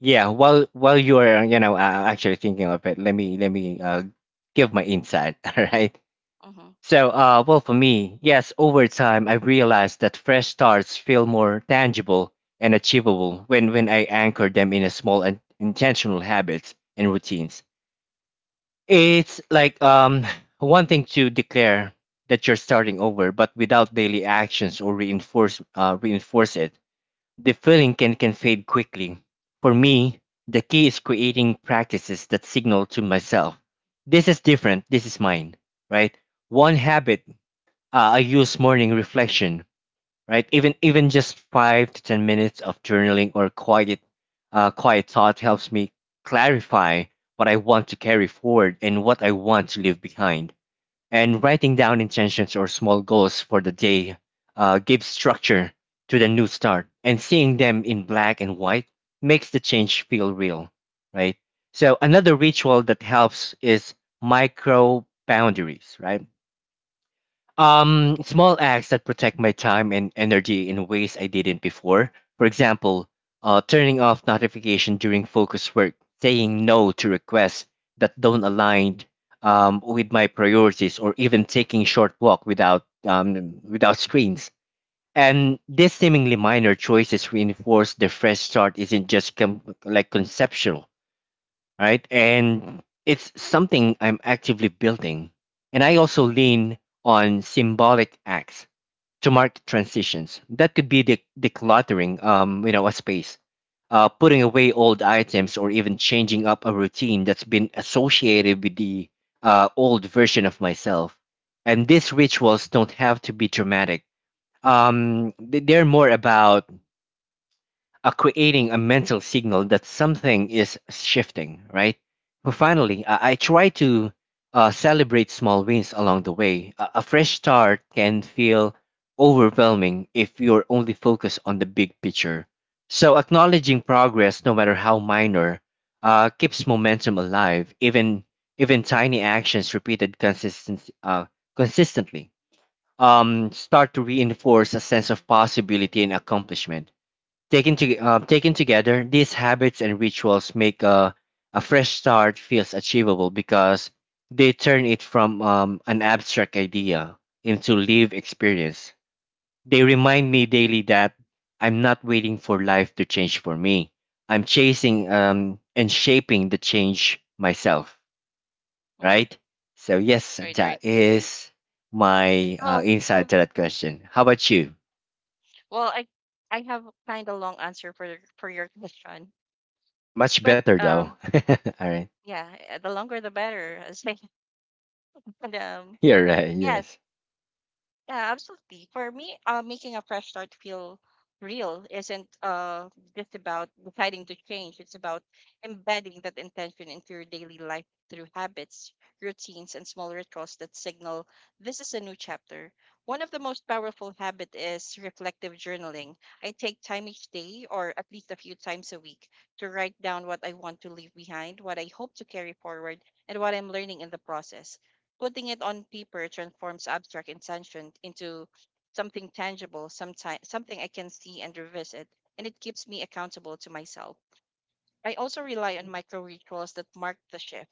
Yeah. While you are you know actually thinking of it, let me give my insight. [laughs] All right.
Mhm,
So, well, for me, yes, over time, I realized that fresh starts feel more tangible and achievable when I anchor them in a small and intentional habits and routines. It's like [laughs] [sighs] one thing to declare that you're starting over, but without daily actions or reinforce it, the feeling can fade quickly. For me, the key is creating practices that signal to myself, this is different, this is mine, right? One habit I use morning reflection. Right? Even just 5 to 10 minutes of journaling or quiet thought helps me clarify what I want to carry forward and what I want to leave behind. And writing down intentions or small goals for the day gives structure to the new start. And seeing them in black and white makes the change feel real, right? So another ritual that helps is micro boundaries, right? Small acts that protect my time and energy in ways I didn't before. For example, turning off notification during focus work, saying no to requests that don't align with my priorities, or even taking short walk without without screens. And these seemingly minor choices reinforce the fresh start isn't just like conceptual, right? And it's something I'm actively building. And I also
mhm,
lean on symbolic acts to mark transitions. That could be decluttering, you know, a space, putting away old items, or even changing up a routine that's been associated with the old version of myself. And these rituals don't have to be dramatic. They're more about creating a mental signal that something is shifting, right? But finally, I try to celebrate small wins along the way. A fresh start can feel overwhelming if you're only focused on the big picture. So, acknowledging progress, no matter how minor, keeps momentum alive. Even tiny actions repeated consistently start to reinforce a sense of possibility and accomplishment. Taken together, these habits and rituals make a fresh start feels achievable because they turn it from an abstract idea into lived experience. They remind me daily that I'm not waiting for life to change for me. I'm chasing and shaping the change myself,
mhm.
right? So, yes,
Right, right.
that is my
Oh,
insight to that question. How about you?
well, I have kind of long answer for for your question,
Much
but
better, though. [laughs] All right.
yeah, the longer the better. [laughs] As I, and, um,
You're right.
yes,
Yes.
yeah, absolutely. For me, making a fresh start feel real isn't just about deciding to change. It's about embedding that intention into your daily life through habits, routines, and small rituals that signal this is a new chapter. One of the most powerful habit is reflective journaling. I take time each day, or at least a few times a week, to write down what I want to leave behind, what I hope to carry forward, and what I'm learning in the process, putting it on paper transforms abstract intention into something something I can see and revisit, and it keeps me accountable to myself. I also rely on micro rituals that mark the shift.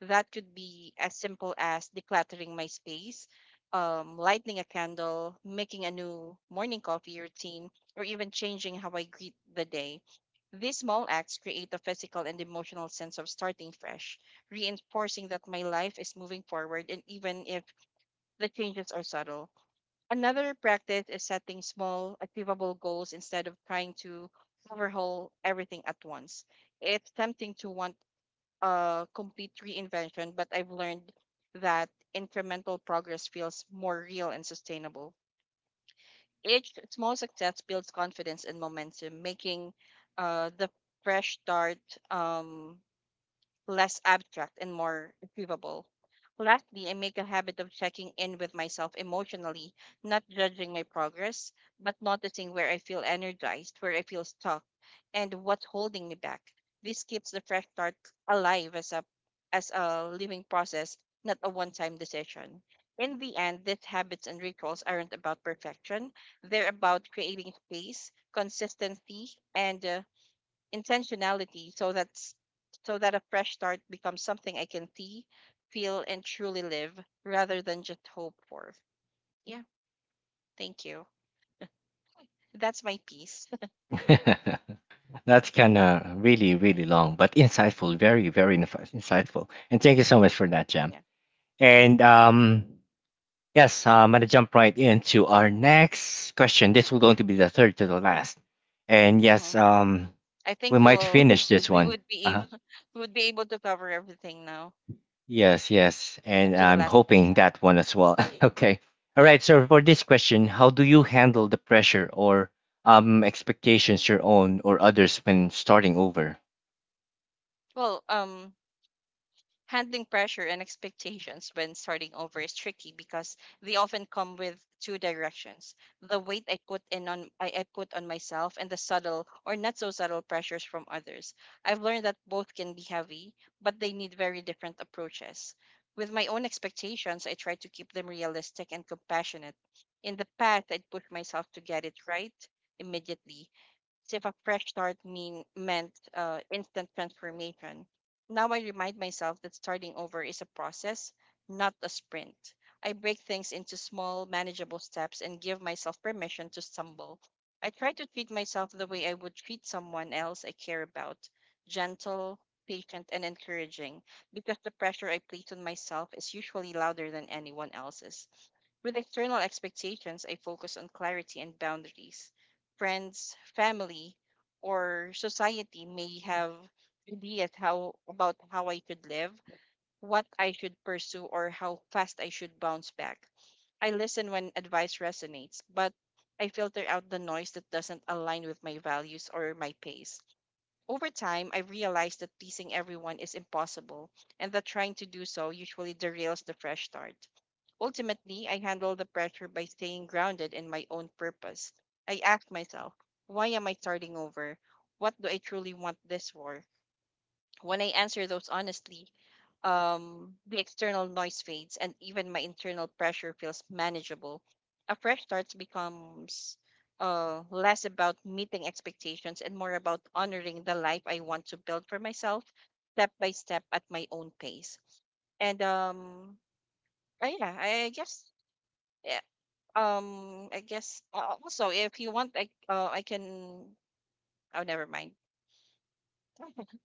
That could be as simple as decluttering my space, lighting a candle, making a new morning coffee routine, or even changing how I greet the day. These small acts create a physical and emotional sense of starting fresh, reinforcing that my life is moving forward, and even if the changes are subtle. Another practice is setting small, achievable goals instead of trying to overhaul everything at once. It's tempting to want a complete reinvention, but I've learned that incremental progress feels more real and sustainable. Each small success builds confidence and momentum, making the fresh start um, less abstract and more achievable. Lastly, I make a habit of checking in with myself emotionally, not judging my progress, but noticing where I feel energized, where I feel stuck, and what's holding me back. This keeps the fresh start alive as a living process, not a one-time decision. In the end, these habits and rituals aren't about perfection. They're about creating space, consistency, and intentionality, so that a fresh start becomes something I can see, feel, and truly live rather than just hope for. Yeah, thank you. That's my piece.
[laughs] That's kind of really, really long, but insightful. Very, very insightful. And thank you so much for that,
[laughs]
Jam.
Yeah. hmm
And yes, I'm going to jump right into our next question. This will going to be the third to the last. And
hmm
yes,
I
we
think we
might
will
finish this
we
one.
would be
Uh-huh.
able we would be able to cover everything now
Yes, yes.
up
And
to the
I'm
last
hoping
question.
that one as well. [laughs] Okay. All right. So for
Mm-hmm.
this question, how do you handle the pressure or expectations your own or others when starting over?
Well, um, Handling pressure and expectations when starting over is tricky because they often come with two directions. The weight I put on myself and the subtle or not so subtle pressures from others. I've learned that both can be heavy, but they need very different approaches. With my own expectations, I try to keep them realistic and compassionate. In the past, I'd push myself to get it right immediately, as if a fresh start meant instant transformation. Now I remind myself that starting over is a process, not a sprint. I break things into small, manageable steps and give myself permission to stumble. I try to treat myself the way I would treat someone else I care about, gentle, patient, and encouraging, because the pressure I place on myself is usually louder than anyone else's. With external expectations, I focus on clarity and boundaries. Friends, family, or society may have ideas how about how I should live, what I should pursue, or how fast I should bounce back. I listen when advice resonates, but I filter out the noise that doesn't align with my values or my pace. Over time, I realized that pleasing everyone is impossible, and that trying to do so usually derails the fresh start. Ultimately, I handle the pressure by staying grounded in my own purpose. I ask myself, why am I starting over? What do I truly want this for? When I answer those honestly, the external noise fades and even my internal pressure feels manageable. A fresh start becomes less about meeting expectations and more about honoring the life I want to build for myself step by step at my own pace. And yeah, I guess yeah, also if you want, I can. Oh, never mind. [laughs]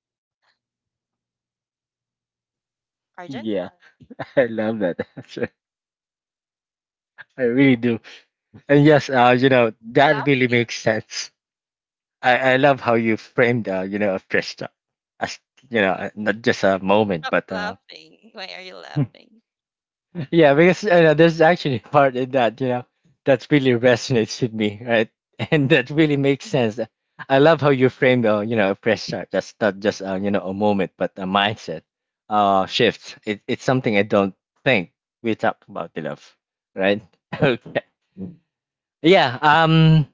Arjun,
Yeah. [laughs] I love that [laughs] answer. I really do. And yes, you know, that really
laughing,
makes sense. I love how you framed, you know, a fresh start as, you know, not just a moment,
stop
but
laughing. Why are you laughing?
[laughs] yeah, because you know, there's actually a part in that, you know, that really resonates with me, right? [laughs] And that really makes
Mm-hmm,
sense. I love how you framed, you know, a fresh start. That's not just, you know, a moment, but a mindset shift. It's something I don't think we talk about enough, right? [laughs] Okay. Yeah.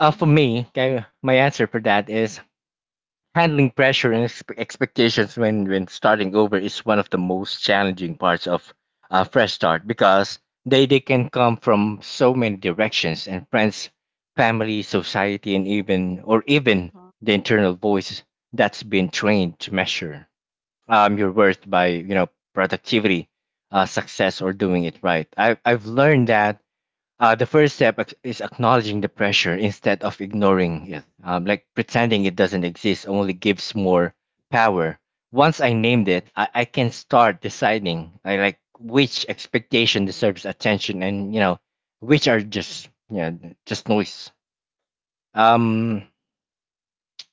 For
mm-hmm.
me, okay, my answer for that is handling pressure and expectations when starting over is one of the most challenging parts of a fresh start because they can come from so many directions and friends, family, society, and even the internal voice that's been trained to measure your worth by you know productivity, success, or doing it right. I've learned that uh, the first step is acknowledging the pressure instead of ignoring it. Like pretending it doesn't exist only gives more power. Once I named it, I can start deciding. I like which expectation deserves attention, and you know, which are just yeah, just noise. Um,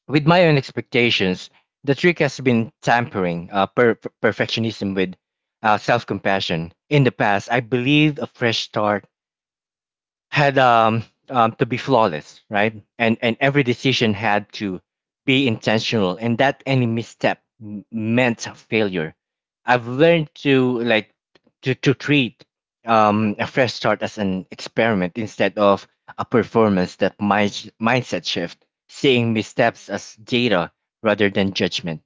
with my own expectations, the trick has been tampering perfectionism with self-compassion. In the past, I believed a fresh start had to be flawless, right? And every decision had to be intentional, and that any meant failure. I've learned to like to treat a fresh start as an experiment instead of a performance. That mindset shift, seeing
Mhm.
missteps as data rather than judgment,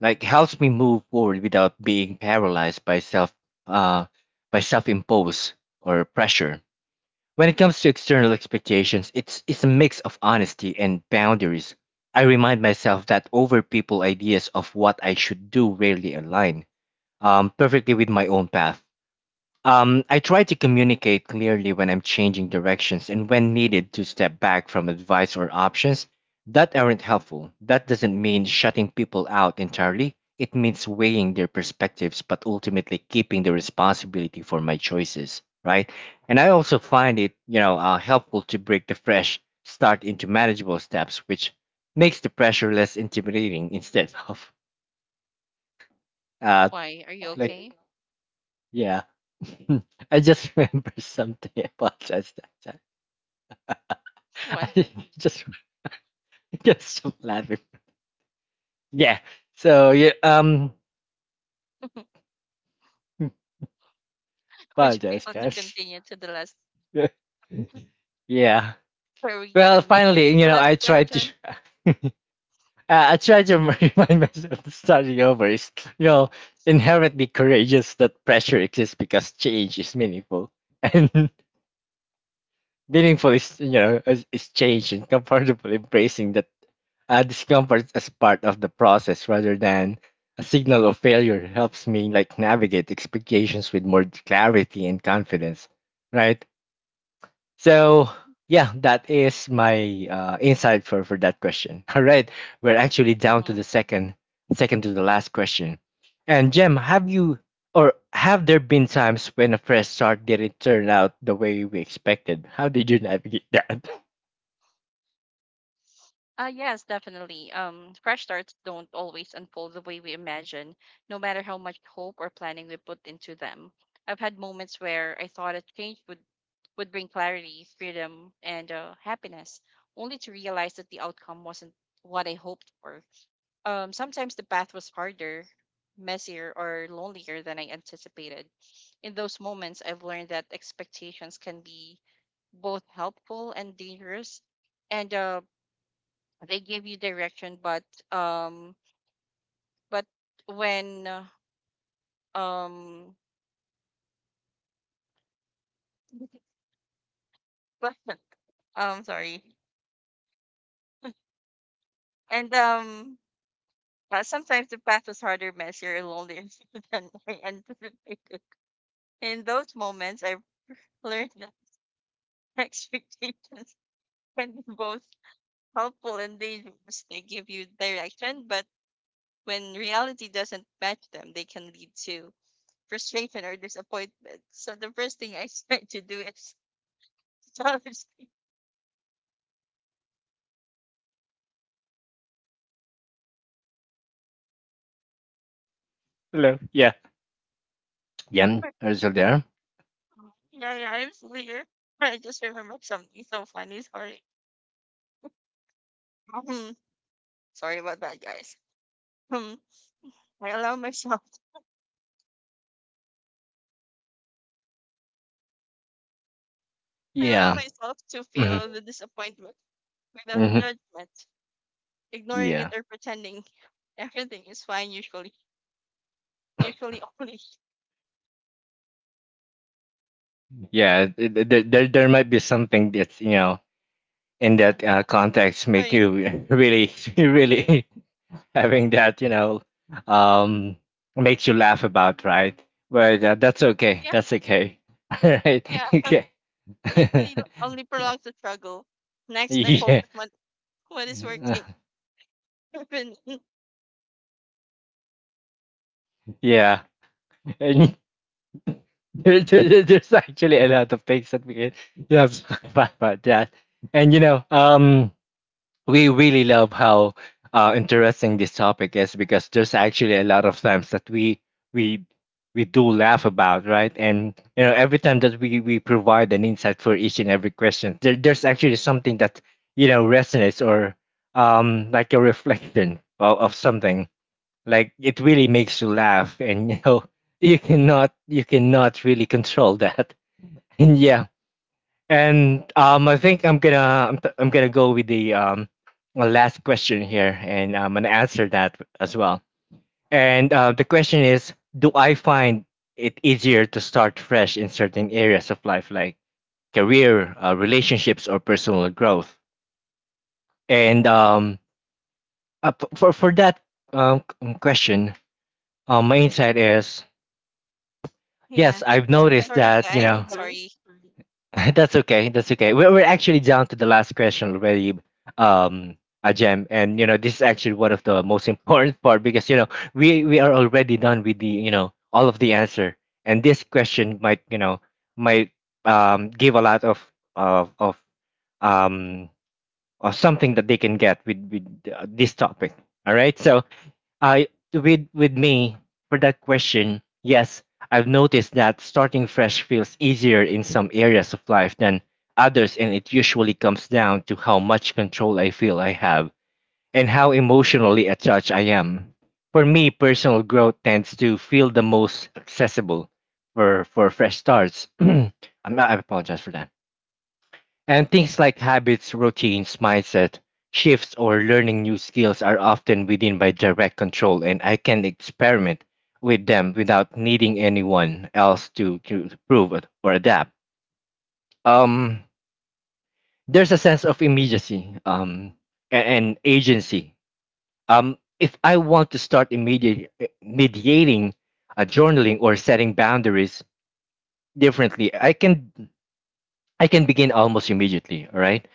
like helps me move forward without being paralyzed uh, by self imposed or pressure. When it comes to external expectations, it's a mix of honesty and boundaries. I remind myself that over people ideas of what I should do rarely align perfectly with my own path. I try to communicate clearly when I'm changing directions and when needed to step back from advice or options that aren't helpful. That doesn't mean shutting people out entirely. It means weighing their perspectives, but ultimately keeping the responsibility for my choices, right? And I also find it, you know, helpful to break the fresh start into manageable steps, which makes the pressure less intimidating instead of uh,
Why? Are you
like
okay?
yeah. [laughs] I just remember something. I apologize that time.
Why?
[laughs] I just [laughs] get some laughing. Yeah. So yeah, um
[laughs]
hmm,
Would you be
apologize
able to
guys.
continue to the last?
[laughs] Yeah. Yeah.
Are we gonna
Well
make it
finally,
to
you
the
know,
last
I tried to
question?
[laughs] I tried to [laughs] remind myself that starting over is, you know, inherently courageous that pressure exists because change is meaningful. [laughs] And meaningful is you know is change and [laughs] comfortable embracing that discomfort as part of the process rather than a signal of failure helps me like navigate expectations with more clarity and confidence, right? So yeah, that is my insight for that question. [laughs] All right, we're actually down to
Mm-hmm.
the second to the last question. And Jem, have you or have there been times when a fresh start didn't turn out the way we expected? How did you navigate that?
Yes, definitely. Fresh starts don't always unfold the way we imagine, no matter how much hope or planning we put into them. I've had moments where I thought a change would bring clarity, freedom, and happiness, only to realize that the outcome wasn't what I hoped for. Sometimes the path was harder, messier, or lonelier than I anticipated. In those moments, I've learned that expectations can be both helpful and dangerous, and they give you direction, um, but when um, [laughs] but sorry, and sometimes the path was harder, messier, and lonelier [laughs] than I anticipated. In those moments, I've learned that [laughs] expectations can be both helpful and dangerous. They give you direction, but when reality doesn't match them, they can lead to frustration or disappointment. So the first thing I [laughs] try to do is challenge people.
[laughs] Hello. Yeah. Jem, are
[laughs]
you still there?
Yeah, yeah, I'm still here. I just remembered something so funny. Sorry. Um, sorry about that, guys. Um, I allow myself. [laughs] I allow
Yeah.
myself to
Hmm.
feel the disappointment without
Hmm.
judgment, ignoring it
Yeah.
or pretending everything is fine. Usually only
Yeah. There, there might be something that's you know in that context
[laughs]
make
sorry.
you [laughs] really [laughs] really [laughs] having that you know um makes you laugh about, right? But that's okay,
Yeah,
that's okay. [laughs] All right.
yeah.
Okay. [laughs]
Usually only prolongs the struggle. Next, I
Yeah.
focus on what is
Uh,
working. [laughs] Even-
yeah. And [laughs] there, there's actually a lot of things that we can [laughs] you have to talk about that, and you know we really love how interesting this topic is because there's actually a lot of times that we we do laugh about, right? And you know every time that we provide an insight for each and every question there, there's actually something that you know resonates or like a reflection of something, like it really makes you laugh and you know [laughs] you cannot really control that. [laughs] And yeah. And I think I'm gonna go with the last question here, and I'm gonna answer that as well. And the question is, do I find it easier to start fresh in certain areas of life, like career, relationships, or personal growth? And for that question, my insight is
yeah,
yes, I've
thanks.
noticed
Sorry,
that you
guys.
know.
Sorry,
[laughs] That's okay. That's okay. We're actually down to the last question already, um, Ajem. And you know, this is actually one of the most important part because you know we are already done with the you know all of the answer, and this question might you know might give a lot of of of um of something that they can get with this topic. All right. So I with me for that question, yes, I've noticed that starting fresh feels easier in some areas of life than others, and it usually comes down to how much control I feel I have and how emotionally attached I am. For me, personal growth tends to feel the most accessible for fresh starts. [clears throat] I'm not, I apologize for that. And things like habits, routines, mindset, shifts, or learning new skills are often within my direct control, and I can experiment with them without needing anyone else to prove it or adapt. Um, there's a sense of immediacy and agency. If I want to start mediating journaling or setting boundaries differently, I can begin almost immediately, all right?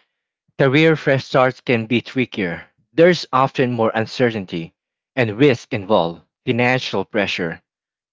Career fresh starts can be trickier; there's often more uncertainty and risk involved, financial pressure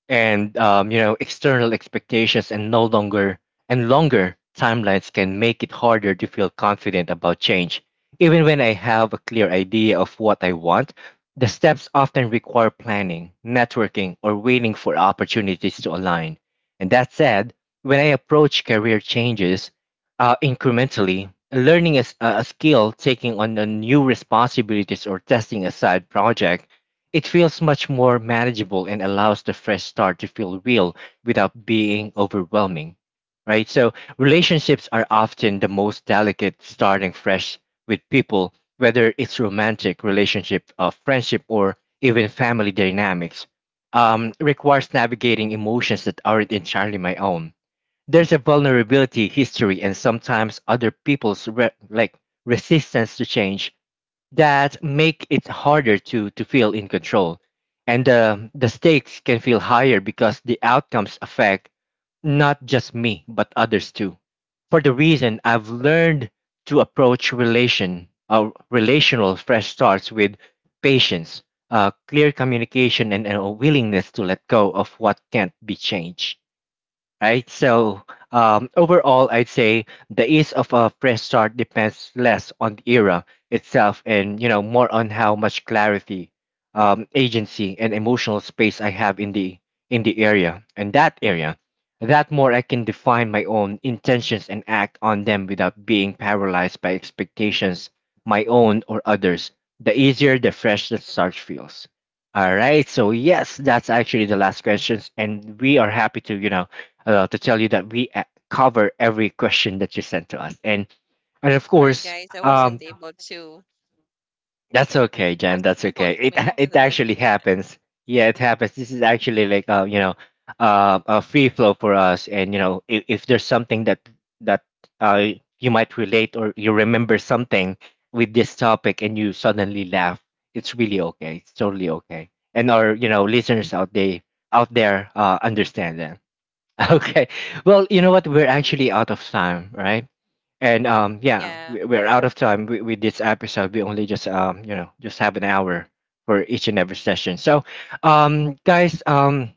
and you know external expectations and no longer and longer timelines can make it harder to feel confident about change, even when I have a clear idea of what I want. The steps often require planning networking or waiting for opportunities to align. And that said, when I approach career changes incrementally learning is a skill, taking on a new responsibilities or testing a side project, it feels much more manageable and allows the fresh start to feel real without being overwhelming, right? So, relationships are often the most delicate, starting fresh with people, whether it's romantic relationship, friendship, or even family dynamics. Requires navigating emotions that aren't entirely my own. There's a vulnerability, history, and sometimes other people's like resistance to change that make it harder to feel in control, and the stakes can feel higher because the outcomes affect not just me but others too. For the reason I've learned to approach relational fresh starts with patience, clear communication, and a willingness to let go of what can't be changed, right? So overall, I'd say the ease of a fresh start depends less on the era itself, and you know more on how much clarity, agency, and emotional space I have in the area and that area. That more I can define my own intentions and act on them without being paralyzed by expectations, my own or others. The easier the start feels. All right, so yes, that's actually the last questions, and we are happy to you know to tell you that we cover every question that you sent to us. And of
sorry,
course,
guys. I wasn't
um,
able to. [laughs]
that's okay, Jen.
Wasn't
That's
able
okay.
to
It
make it
[laughs]
to the
it
last
actually
question.
happens. Yeah, it happens. This is actually like you know, a free flow for us. And you know, if there's something that that uh you might relate or you remember something with this topic and you suddenly laugh, it's really okay. It's totally okay. And our you know listeners out they out there understand that. [laughs] Okay. Well, you know what? We're actually out of time, right? And yeah,
Yeah,
we're out of time with this episode. We only just you know, just have an hour for each and every session. So, guys,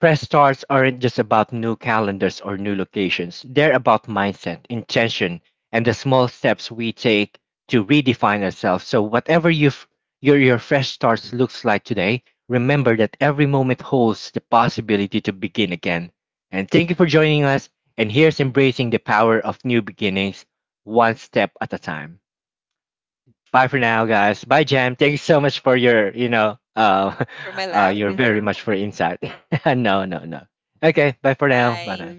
fresh starts aren't just about new calendars or new locations. They're about mindset, intention, and the small steps we take to redefine ourselves. So whatever your fresh starts looks like today, remember that every moment holds the possibility to begin again. And thank you for joining us. And here's embracing the power of new beginnings, one step at a time. Bye for now, guys. Bye, Jam. Thanks so much for your, you know,
for my
[laughs]
laugh.
your very Mm-hmm. much for insight. [laughs] No, no, no. Okay. Bye for now. Bye
Bye.
bye.